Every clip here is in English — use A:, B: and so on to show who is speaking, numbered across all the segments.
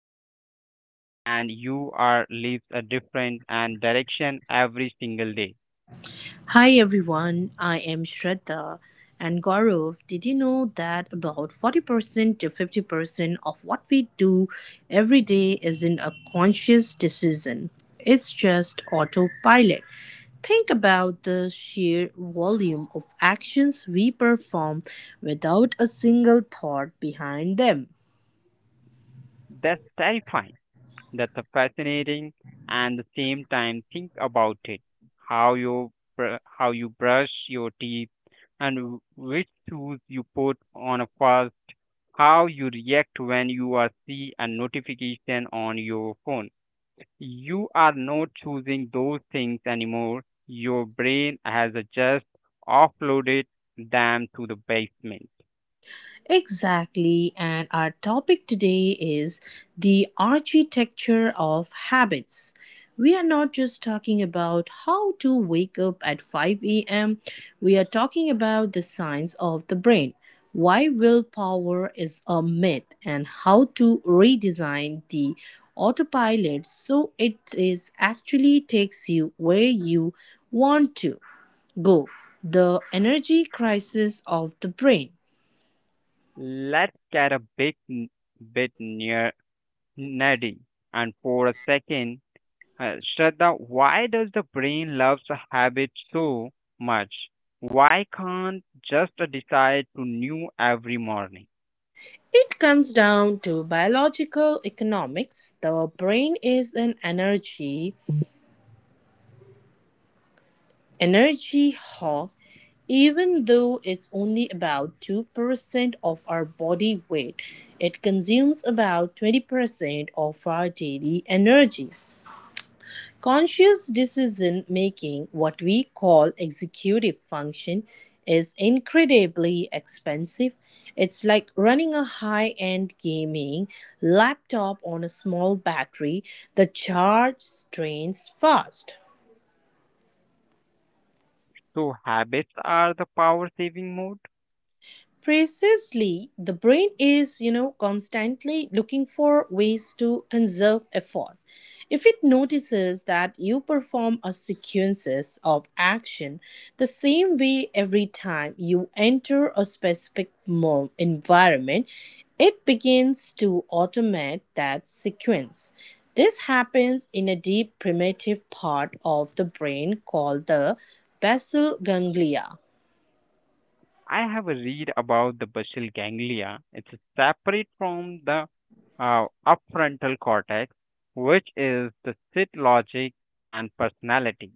A: invisible thread, and you are leaves a different and direction every single day.
B: Hi everyone, I am Shraddha and Gaurav. Did you know that about 40% to 50% of what we do every day isn't a conscious decision? It's just autopilot. Think about the sheer volume of actions we perform without a single thought behind them.
A: That's terrifying. That's a fascinating, and the same time, think about it. How you how you brush your teeth, and which shoes you put on first how you react when you are see a notification on your phone. You are not choosing those things anymore. Your brain has just offloaded them to the basement.
B: Exactly, and our topic today is the architecture of habits. We are not just talking about how to wake up at 5 a.m., we are talking about the science of the brain, why willpower is a myth, and how to redesign the autopilot so it is actually takes you where you want to go. The energy crisis of the brain.
A: Let's get a big bit near nerdy and for a second, Shraddha, why does the brain loves a habit so much? Why can't just decide to new every morning?
B: It comes down to biological economics. The brain is an energy hog, even though it's only about 2% of our body weight. It consumes about 20% of our daily energy. Conscious decision making, what we call executive function, is incredibly expensive. It's like running a high end gaming laptop on a small battery, the charge drains fast.
A: So habits are the power saving mode.
B: Precisely, the brain is, you know, constantly looking for ways to conserve effort. If it notices that you perform a sequences of action the same way every time you enter a specific environment, it begins to automate that sequence. This happens in a deep primitive part of the brain called the basal ganglia.
A: I have a read about the basal ganglia. It's separate from the upfrontal cortex, which is the sit logic and personality.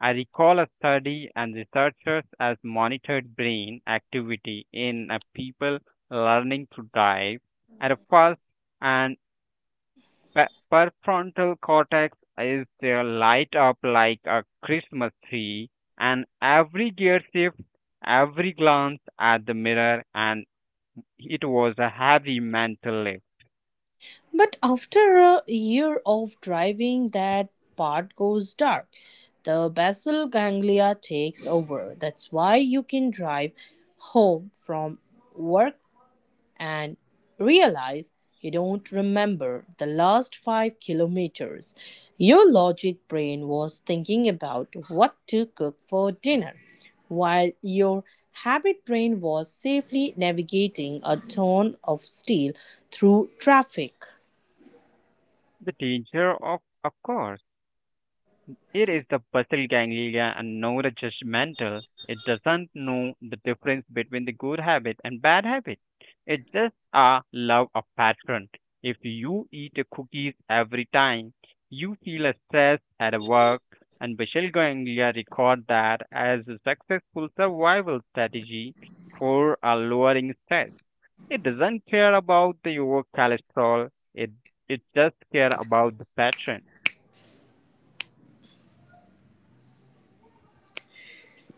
A: I recall a study and researchers as monitored brain activity in a people learning to drive at a first and Prefrontal cortex is light up like a Christmas tree, and every gear shift, every glance at the mirror, and it was a heavy mental lift.
B: But after a year of driving, that part goes dark. The basal ganglia takes over. That's why you can drive home from work and realize you don't remember the last 5 kilometers. Your logic brain was thinking about what to cook for dinner, while your habit brain was safely navigating a ton of steel through traffic.
A: The danger of course. It is the basal ganglia and neurojudgmental. It doesn't know the difference between the good habit and bad habit. It just a love a pattern. If you eat a cookies every time you feel a stress at a work, and basal ganglia record that as a successful survival strategy for a lowering stress. It doesn't care about the your cholesterol. It just care about the pattern.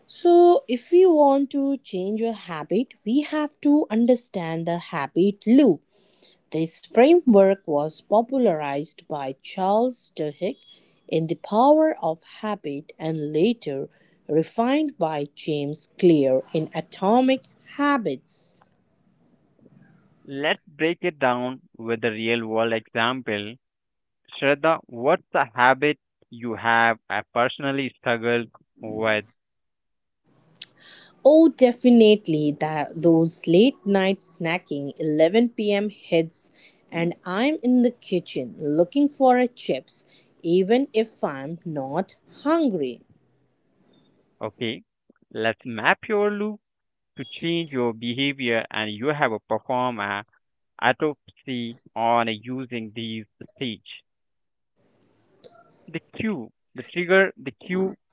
B: So, if we want to change a habit, we have to understand the habit loop. This framework was popularized by Charles Duhigg in The Power of Habit and later refined by James Clear in Atomic Habits.
A: Let's break it down with a real world example. Shraddha, what's a habit you have I personally struggled with?
B: Oh, definitely. That those late night snacking, 11 p.m. hits, and I'm in the kitchen looking for a chips, even if I'm not hungry.
A: Okay, let's map your loop to change your behavior and you have a perform a autopsy on using these stage. The cue, the trigger, the cue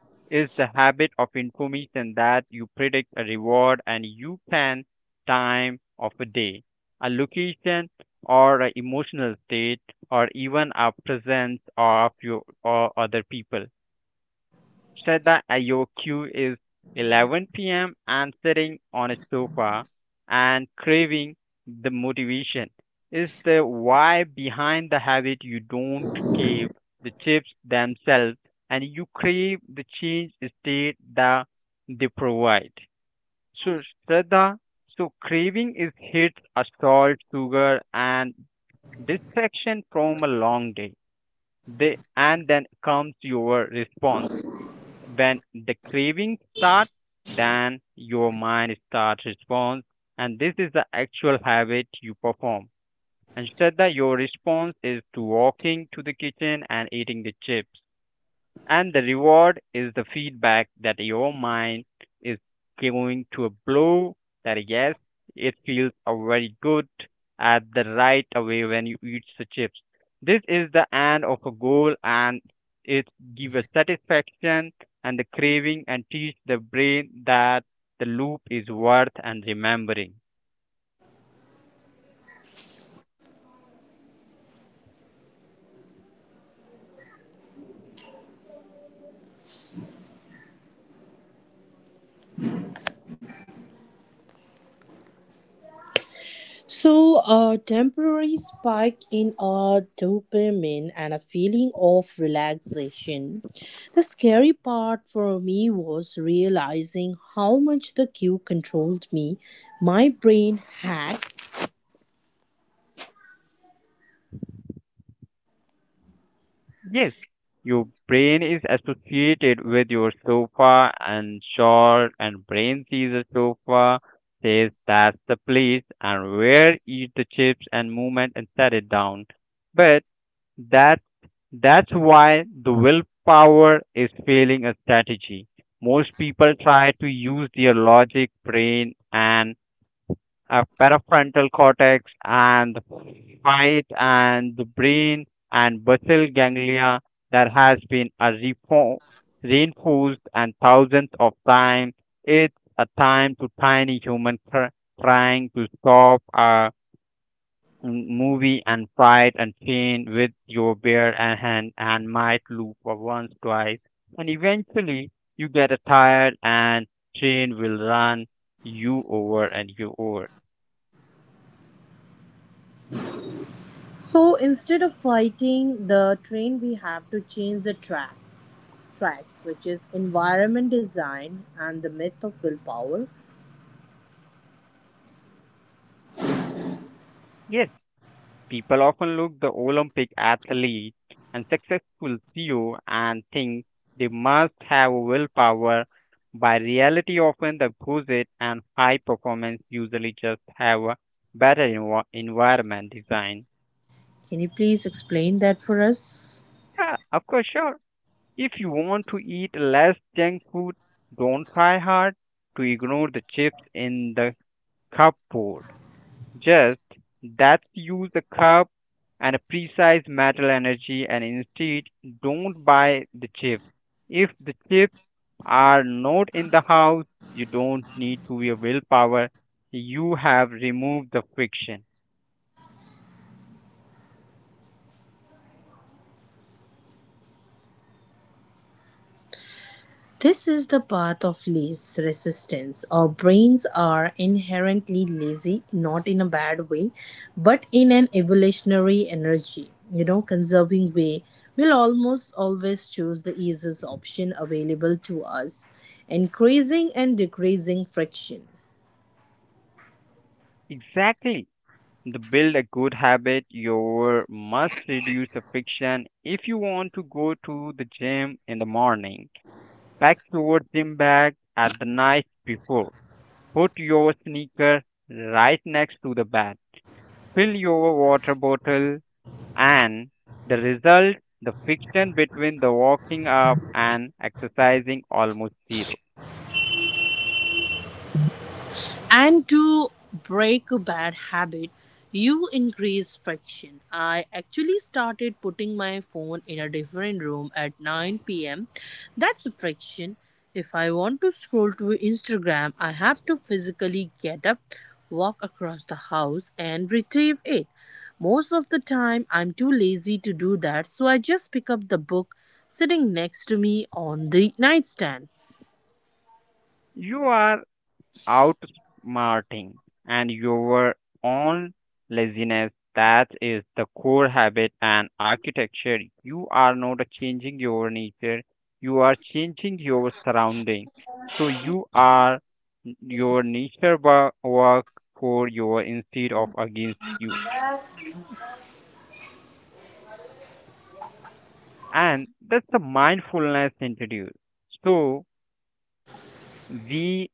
A: is the habit of information that you predict a reward and you can time of a day, a location or an emotional state or even a presence of your or other people. Shraddha Ayoku is 11 p.m. and sitting on a sofa and craving the motivation. Is the why behind the habit you don't crave the chips themselves and you crave the change state that they provide. So, Shraddha, so craving is hits a salt, sugar, and distraction from a long day. They, and then comes your response when the craving starts, then your mind starts response, and this is the actual habit you perform. Instead, that your response is to walking to the kitchen and eating the chips and the reward is the feedback that your mind is going to a blow that yes it feels a very good at the right away when you eat the chips this is the end of a goal and it gives a satisfaction and the craving and teach the brain that the loop is worth and remembering.
B: So, a temporary spike in a dopamine and a feeling of relaxation. The scary part for me was realizing how much the cue controlled me. My brain had.
A: Yes, your brain is associated with your sofa and shawl, and brain sees a sofa, says that's the place, and where eat the chips and movement and set it down. But that's that's why the willpower is failing a strategy. Most people try to use their logic, brain, and parafrontal cortex and the fight and the brain and basal ganglia that has been a reinforced and thousands of times. It's a time to tiny human trying to stop a movie and fight and chain with your bare and hand and might loop for once twice and eventually you get a tired and chain will run you over and you over.
B: So instead of fighting the train, we have to change the tracks, which is environment design and the myth of willpower.
A: Yes, people often look the Olympic athlete and successful CEO and think they must have willpower. By reality, often the it and high performance usually just have a better environment design.
B: Can you please explain that for us?
A: Yeah, of course, sure. If you want to eat less junk food, don't try hard to ignore the chips in the cupboard. Just that's use a cup and a precise metal energy and instead don't buy the chips. If the chips are not in the house, you don't need to your willpower. You have removed the friction.
B: This is the path of least resistance. Our brains are inherently lazy, not in a bad way, but in an evolutionary energy, you know, conserving way. We'll almost always choose the easiest option available to us, increasing and decreasing friction.
A: Exactly. To build a good habit, you must reduce the friction if you want to go to the gym in the morning. Pack your gym bag at the night before. Put your sneaker right next to the bat. Fill your water bottle and the result the friction between the walking up and exercising almost zero.
B: And to break a bad habit, you increase friction. I actually started putting my phone in a different room at 9 pm. That's a friction. If I want to scroll to Instagram, I have to physically get up, walk across the house, and retrieve it. Most of the time, I'm too lazy to do that, so I just pick up the book sitting next to me on the nightstand.
A: You are outsmarting and your own laziness. That is the core habit and architecture. You are not changing your nature, you are changing your surrounding. So you are your nature work for your instead of against you. And that's the mindfulness introduced. So we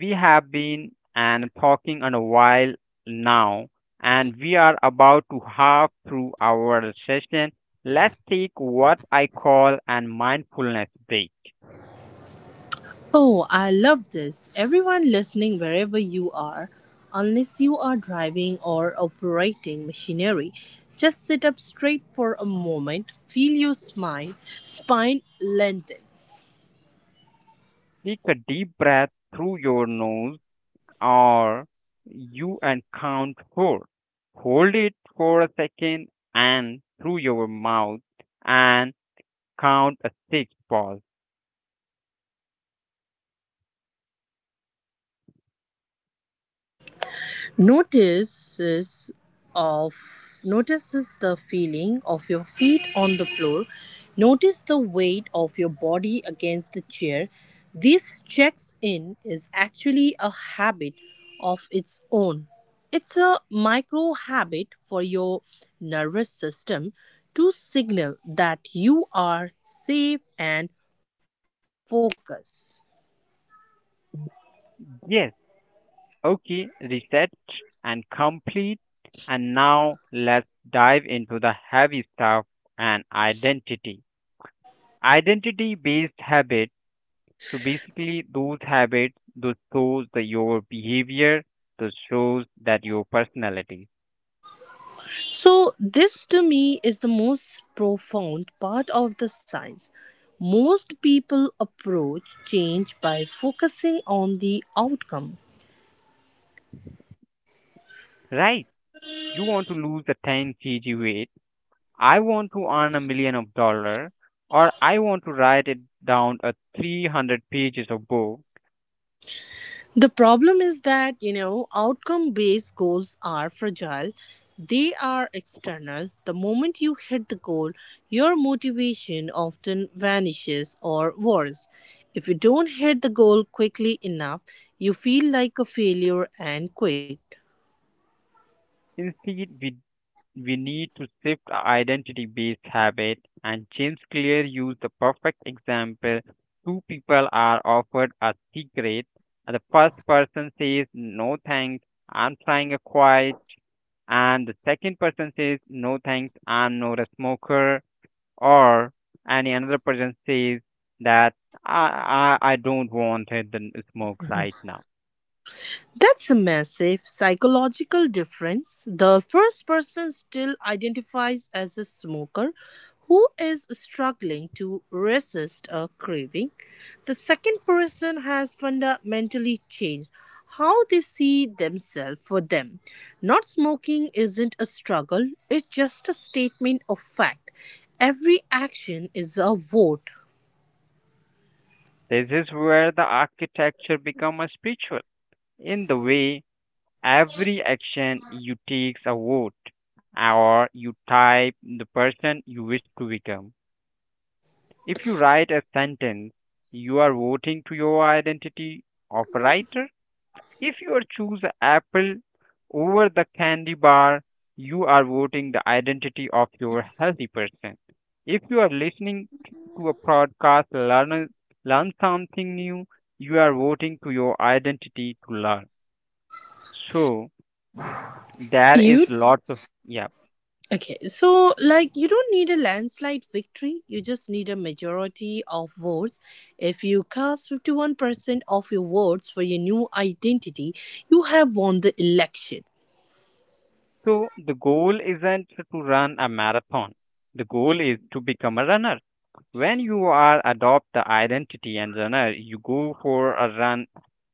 A: we have been and talking on a while now and we are about to half through our session. Let's take what I call an mindfulness break.
B: Oh, I love this. Everyone listening, wherever you are, unless you are driving or operating machinery, just sit up straight for a moment, feel your spine lengthen.
A: Take a deep breath through your nose or you and count four, hold it for a second, and through your mouth and count a six pause.
B: Notices of notices the feeling of your feet on the floor. Notice the weight of your body against the chair. This checks in is actually a habit of its own. It's a micro habit for your nervous system to signal that you are safe and focused.
A: Yes. Okay, reset and complete. And now let's dive into the heavy stuff and identity. Identity based habits. So basically, those habits, those shows the, your behavior, those shows that your personality.
B: So, this to me is the most profound part of the science. Most people approach change by focusing on the outcome.
A: Right? You want to lose the 10 kg weight. I want to earn a million of dollar, or I want to write it down a 300 pages of book.
B: The problem is that, you know, outcome based goals are fragile, they are external. The moment you hit the goal, your motivation often vanishes or worse. If you don't hit the goal quickly enough, you feel like a failure and quit.
A: Instead, we need to shift identity based habit and James Clear used the perfect example. Two people are offered a cigarette and the first person says no thanks, I'm trying a quiet, and the second person says no thanks, I'm not a smoker, or any another person says that I don't want it and smoke right now.
B: That's a massive psychological difference. The first person still identifies as a smoker who is struggling to resist a craving. The second person has fundamentally changed how they see themselves for them. Not smoking isn't a struggle, it's just a statement of fact. Every action is a vote.
A: This is where the architecture become a spiritual in the way. Every action you takes a vote or you type the person you wish to become. If you write a sentence, you are voting to your identity of a writer. If you are choose a apple over the candy bar, you are voting the identity of your healthy person. If you are listening to a podcast, learn something new, you are voting to your identity to learn. So there is
B: You.
A: lots of yeah.
B: Okay, so like you don't need a landslide victory, you just need a majority of votes. If you cast 51% of your votes for your new identity, you have won the election.
A: So the goal isn't to run a marathon. The goal is to become a runner. When you are adopt the identity and runner, you go for a run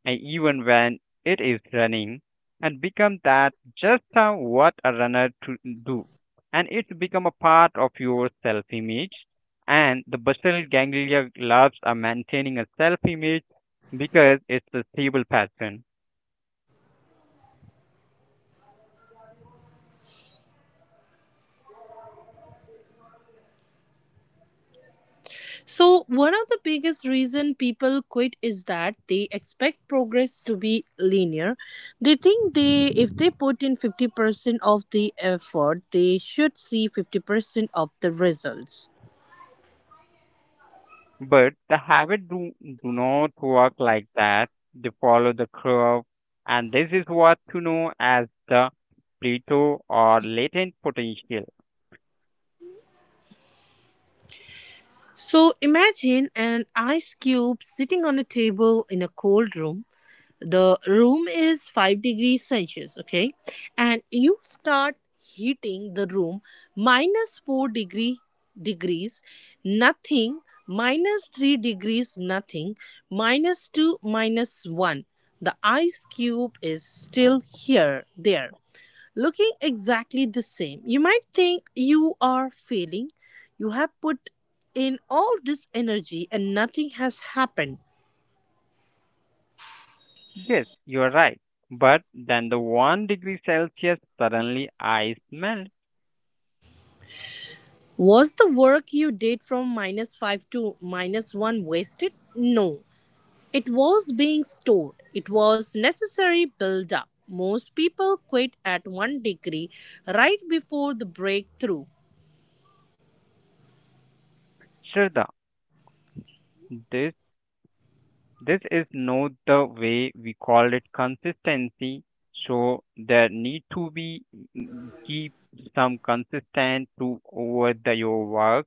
A: and even when it is running and become that just what a runner to do and it become a part of your self image and the basal ganglia loves maintaining a self image because it's a stable pattern.
B: So, one of the biggest reason people quit is that they expect progress to be linear. They think they if they put in 50% of the effort, they should see 50% of the results.
A: But the do not work like that. They follow the curve, and this is what to know as the plateau or latent potential.
B: So imagine an ice cube sitting on a table in a cold room. The room is 5 degrees Celsius, okay? And you start heating the room minus 4 degrees, nothing, minus 3 degrees, nothing, minus 2, minus 1. The ice cube is still here, there looking exactly the same. You might think you are failing. You have put in all this energy and nothing has happened.
A: Yes, you are right. But then the one degree Celsius suddenly ice melt.
B: Was the work you did from minus 5 to minus 1 wasted? No. It was being stored. It was necessary build up. Most people quit at 1 degree right before the breakthrough.
A: Shraddha, this this is not the way we call it consistency. So there need to be keep some consistent to over the your work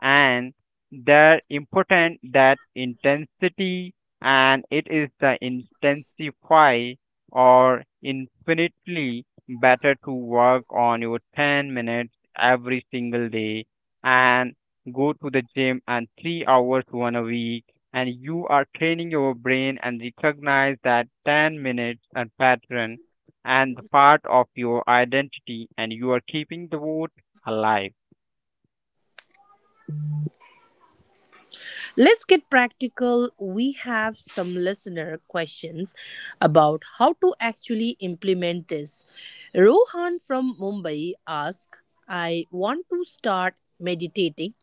A: and they're important that intensity and it is the intensify or infinitely better to work on your 10 minutes every single day and go to the gym and 3 hours one a week and you are training your brain and recognize that 10 minutes and pattern and the part of your identity and you are keeping the vote alive.
B: Let's get practical. We have some listener questions about how to actually implement this. Rohan from Mumbai asks, I want to start meditating,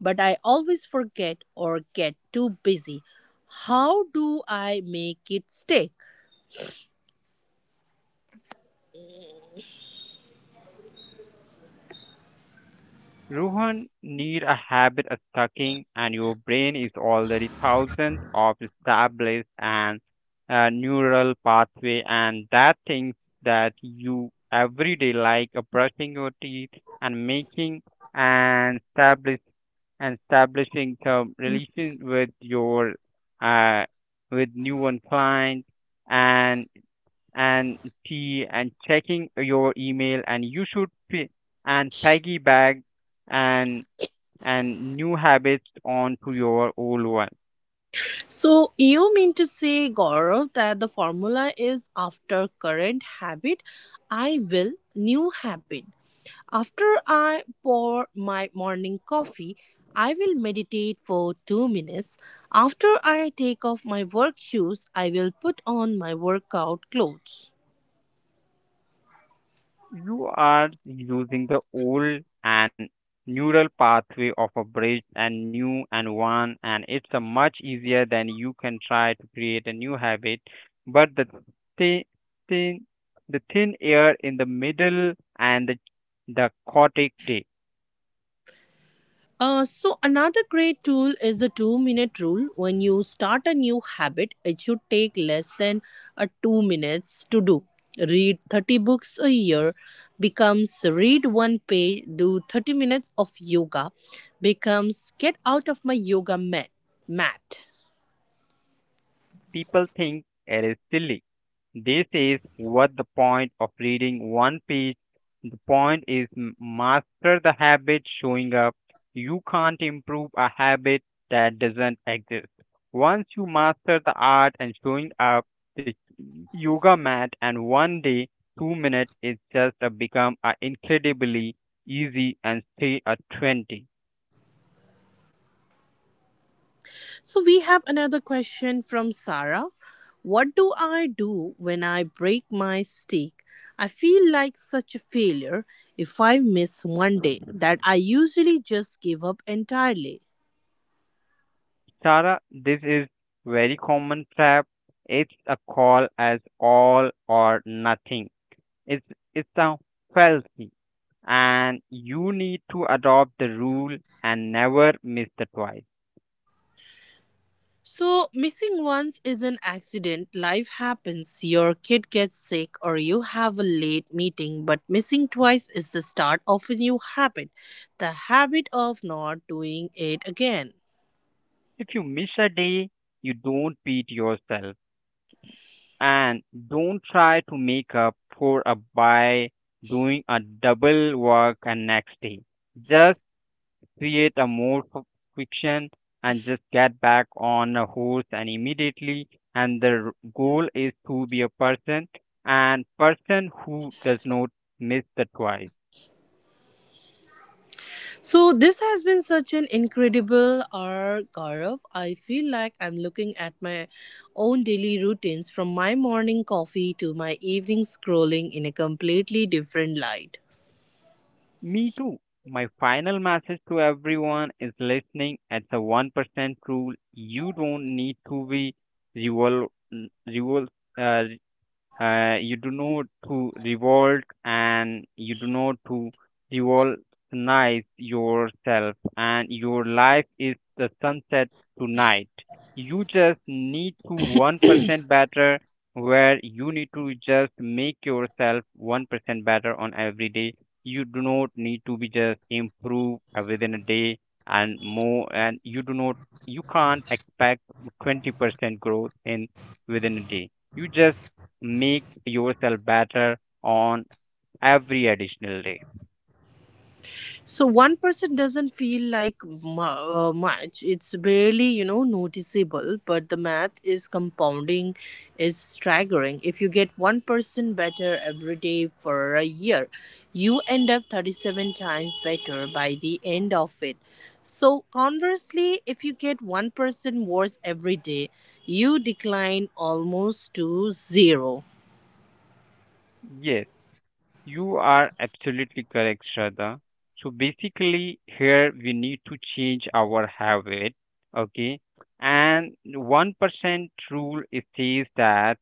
B: but I always forget or get too busy. How do I make it stick?
A: Rohan need a habit of sucking, and your brain is already thousands of established and neural pathway, and that things that you every day like brushing your teeth and making and establish and establishing some relation with your uh, with new one client and and tea and checking your email and you should and piggy back and and new habits onto your old one.
B: So, you mean to say, Gaurav, that the formula is after current habit, I will new habit. After I pour my morning coffee, I will meditate for 2 minutes. After I take off my work shoes, I will put on my workout clothes.
A: You are using the old and neural pathway of a bridge and new and one and it's a much easier than you can try to create a new habit but the thi- thin the thin air in the middle and the cortex.
B: So, another great tool is the 2 minute rule. When you start a new habit, it should take less than 2 minutes to do. Read 30 books a year becomes read one page, do 30 minutes of yoga becomes get out of my yoga mat.
A: People think it is silly. This is what the point of reading one page. The point is master the habit showing up. You can't improve a habit that doesn't exist. Once you master the art and showing up, the yoga mat and one day, 2 minutes is just a become a incredibly easy and stay at 20.
B: So we have another question from Sarah. What do I do when I break my stick? I feel like such a failure if I miss one day that I usually just give up entirely.
A: Tara, this is very common trap. It's a call as all or nothing. It's it's a fallacy, and you need to adopt the rule and never miss the twice.
B: So, missing once is an accident. Life happens. Your kid gets sick or you have a late meeting, but missing twice is the start of a new habit, the habit of not doing it again.
A: If you miss a day, you don't beat yourself, and don't try to make up for a by doing a double work and next day. Just create a more fiction and just get back on a horse and immediately and the goal is to be a person and person who does not miss the twice.
B: So this has been such an incredible hour, Gaurav. I feel like I'm looking at my own daily routines from my morning coffee to my evening scrolling in a completely different light.
A: Me too. My final message to everyone is listening at a 1% rule. You don't need to be revolutionize, you do not to revolt and you do not to revolutionize yourself and your life is the sunset tonight. You just need to 1% better where you need to just make yourself 1% better on every day. You do not need to be just improve within a day and more, and you do not, you can't expect 20% growth in within a day. You just make yourself better on every additional day.
B: So one person doesn't feel like much. It's barely, you know, noticeable. But the math is compounding, is staggering. If you get one person better every day for a year, you end up 37 times better by the end of it. So conversely, if you get one person worse every day, you decline almost to zero.
A: Yes, you are absolutely correct, Shraddha. So basically, here we need to change our habit, okay? And 1% rule, it says that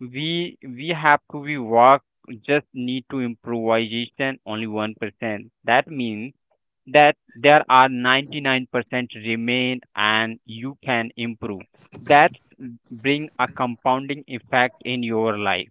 A: we have to be work, just need to improvisation only 1%. That means that there are 99% remain and you can improve that, bring a compounding effect in your life.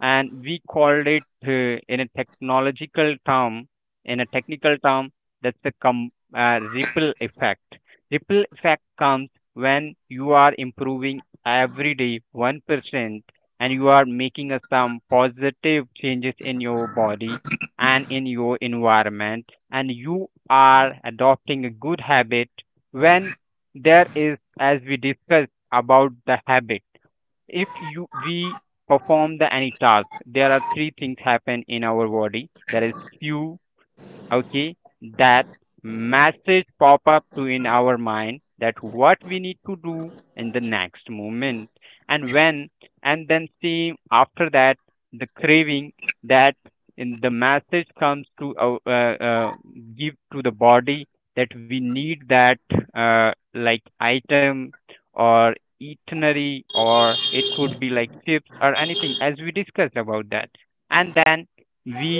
A: And we called it in a technological term, in a technical term, that's the ripple effect. Ripple effect comes when you are improving every day 1%, and you are making a some positive changes in your body and in your environment, and you are adopting a good habit. When there is, as we discussed about the habit, if you we perform the any task, there are three things happen in our body. There is cue, okay, that message pop up to in our mind that what we need to do in the next moment. And when and then see after that, the craving, that in the message comes to give to the body that we need that, like item or eatery, or it could be like chips or anything, as we discussed about that. And then we,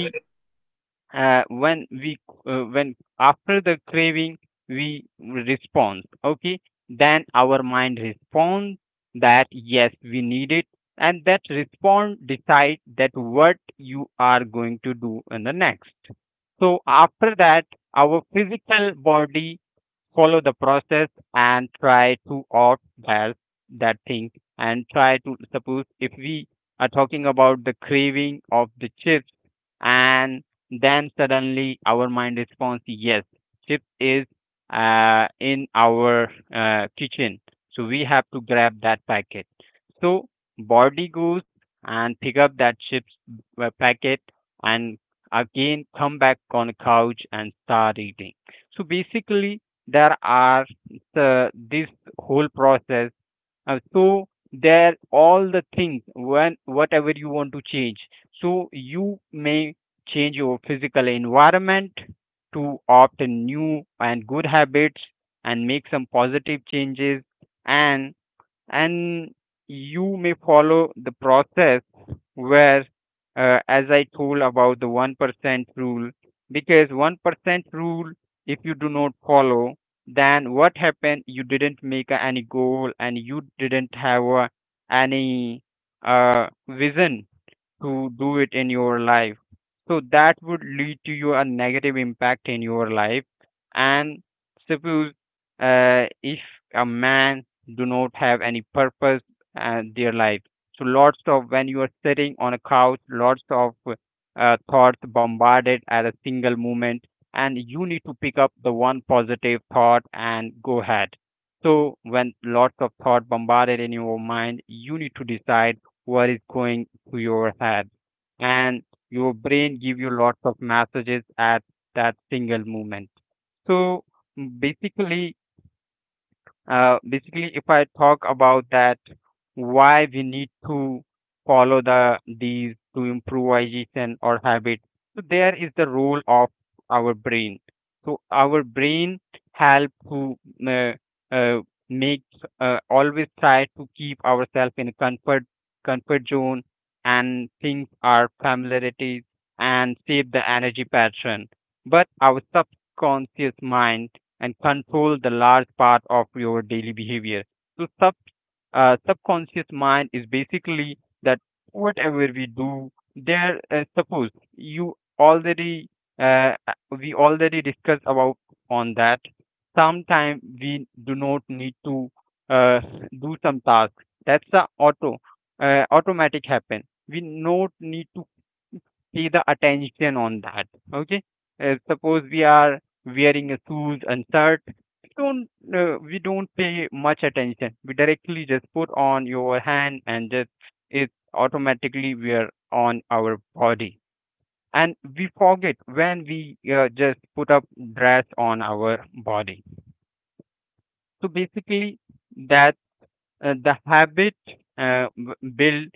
A: when we, when after the craving, we respond, okay, then our mind responds that yes, we need it. And that respond decide that what you are going to do in the next. So after that, our physical body follow the process and try to opt that that thing. And try to, suppose if we are talking about the craving of the chips, and then suddenly our mind responds, yes, chip is in our kitchen, so we have to grab that packet. So body goes and pick up that chips packet, and again come back on the couch and start eating. So basically, there are, this whole process, so there all the things, when whatever you want to change, so you may change your physical environment to opt in new and good habits and make some positive changes. and and you may follow the process where, as I told about the 1% rule, because 1% rule, if you do not follow, then what happened? You didn't make any goal, and you didn't have any vision to do it in your life. So that would lead to you a negative impact in your life. And suppose, if a man do not have any purpose and their life, so lots of, when you are sitting on a couch, lots of thoughts bombarded at a single moment, and you need to pick up the one positive thought and go ahead. So when lots of thought bombarded in your mind, you need to decide what is going to your head, and your brain give you lots of messages at that single moment. So basically, basically, if I talk about that, why we need to follow the these to improvisation or habit. So there is the role of our brain. So our brain help to, uh, uh, make, always try to keep ourselves in a comfort zone and things are familiarities and save the energy pattern. But our subconscious mind and control the large part of your daily behavior. So subconscious mind is basically that whatever we do there, suppose you already, we already discussed about on that, sometimes we do not need to uh, do some task. That's the automatic happen. We not need to see the attention on that. Okay, suppose we are wearing a shoes and shirt. We don't, we don't pay much attention. We directly just put on your hand and just it automatically we are on our body. And we forget when we, just put up dress on our body. So basically, that, the habit, built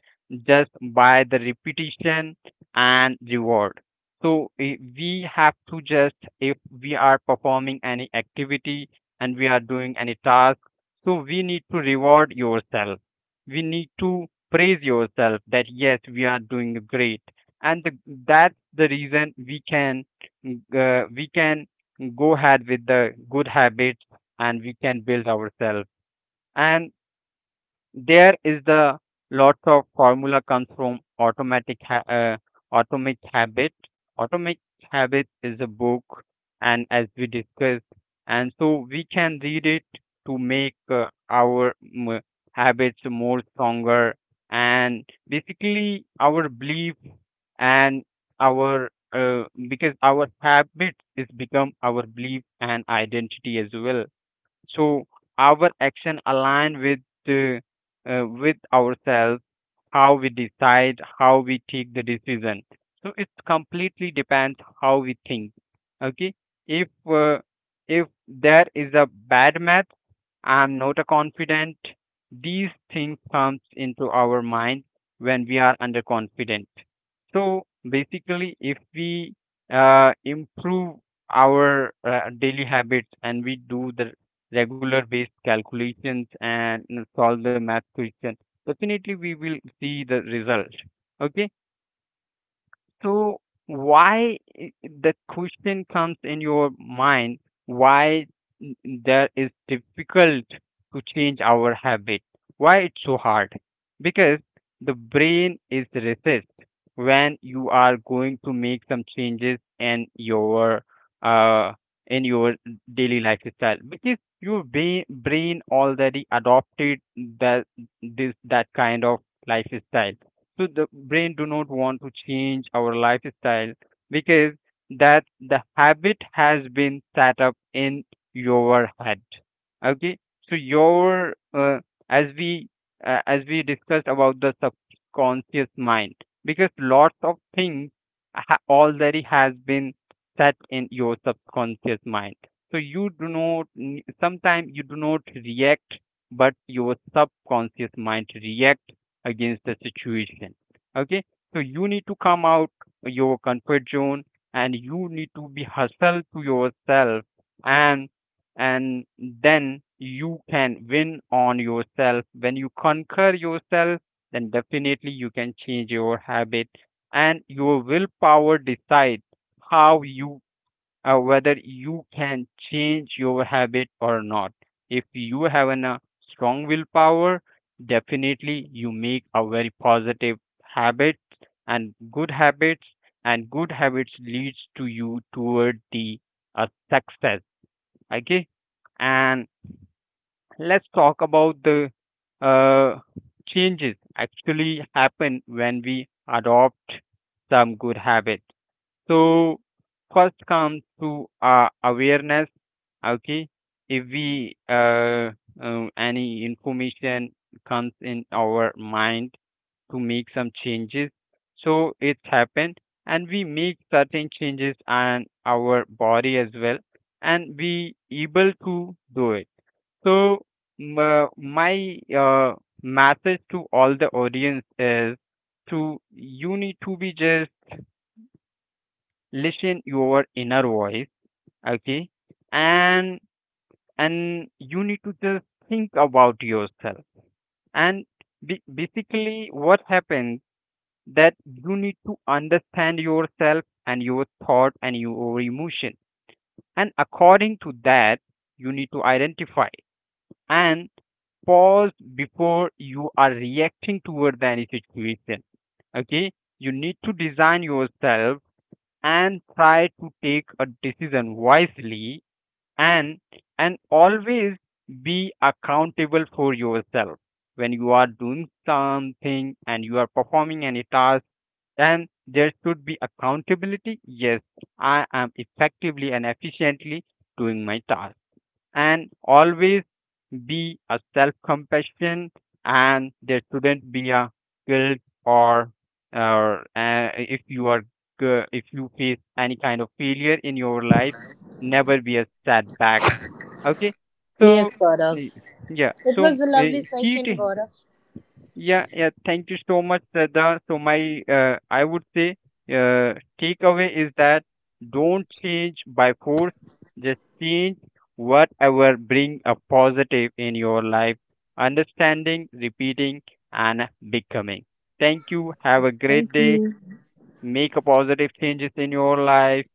A: just by the repetition and reward. So we have to just, if we are performing any activity and we are doing any task, so we need to reward yourself. We need to praise yourself that yes, we are doing great. And the, that's the reason we can, we can go ahead with the good habits, and we can build ourselves. And there is the lots of formula comes from atomic habit. Atomic habit is a book, and as we discussed, and so we can read it to make our habits more stronger. And basically our belief and our, because our habits is become our belief and identity as well. So our action align with, uh, with ourselves, how we decide, how we take the decision. So it completely depends how we think, okay? If, if there is a bad math, I'm not a confident, these things comes into our mind when we are underconfident. So basically, if we improve our daily habits and we do the regular based calculations and you know, solve the math question, definitely we will see the result. Okay, so why, i- the question comes in your mind, why there is difficult to change our habit, why it's so hard? Because the brain is resist when you are going to make some changes uh in your daily lifestyle, because your brain already adopted that this that kind of lifestyle. So the brain do not want to change our lifestyle, because that the habit has been set up in your head, okay? So your, as we, as we discussed about the subconscious mind, because lots of things already has been set in your subconscious mind. So you do not, sometimes you do not react, but your subconscious mind react against the situation, okay? So you need to come out your comfort zone, and you need to be hustle to yourself. and and then you can win on yourself. When you conquer yourself, then definitely you can change your habit. And your willpower decide how you, whether you can change your habit or not. If you have an, a strong willpower, definitely you make a very positive habit and good habits, and good habits leads to you toward the success. Okay, and let's talk about the uh, changes actually happen when we adopt some good habits. So first comes to awareness. Okay, if we, any information comes in our mind to make some changes, so it's happened, and we make certain changes and our body as well, and we able to do it. So my message to all the audience is to, you need to be just listen your inner voice, okay? and and you need to just think about yourself. And basically, what happens that you need to understand yourself and your thought and your emotion, and according to that you need to identify and pause before you are reacting towards any situation, okay? You need to design yourself and try to take a decision wisely. and and always be accountable for yourself when you are doing something and you are performing any task. And there should be accountability. Yes, I am effectively and efficiently doing my task. And always be a self compassion, and there shouldn't be a guilt or or, if you are if you face any kind of failure in your life, never be a setback, okay?
C: Yes,
A: So
C: Gaurav.
A: y- yeah,
C: It
A: so
C: was a
A: uh,
C: lovely
A: key
C: session,
A: to,
C: Gaurav.
A: yeah, yeah. Thank you so much, Sada. So my, I would say, uh, takeaway is that don't change by force. Just change whatever bring a positive in your life. Understanding, repeating, and becoming. Thank you. Have a
C: Thank
A: great day.
C: you.
A: Make a positive changes in your life.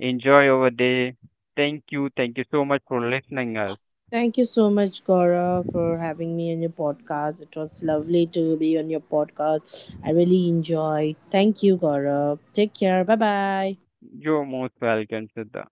A: Enjoy your day. Thank you. Thank you so much for listening us.
C: Thank you so much, Gaurav, for having me on your podcast. It was lovely to be on your podcast. I really enjoyed. Thank you, Gaurav. Take care. Bye bye.
A: You're most welcome, Sada.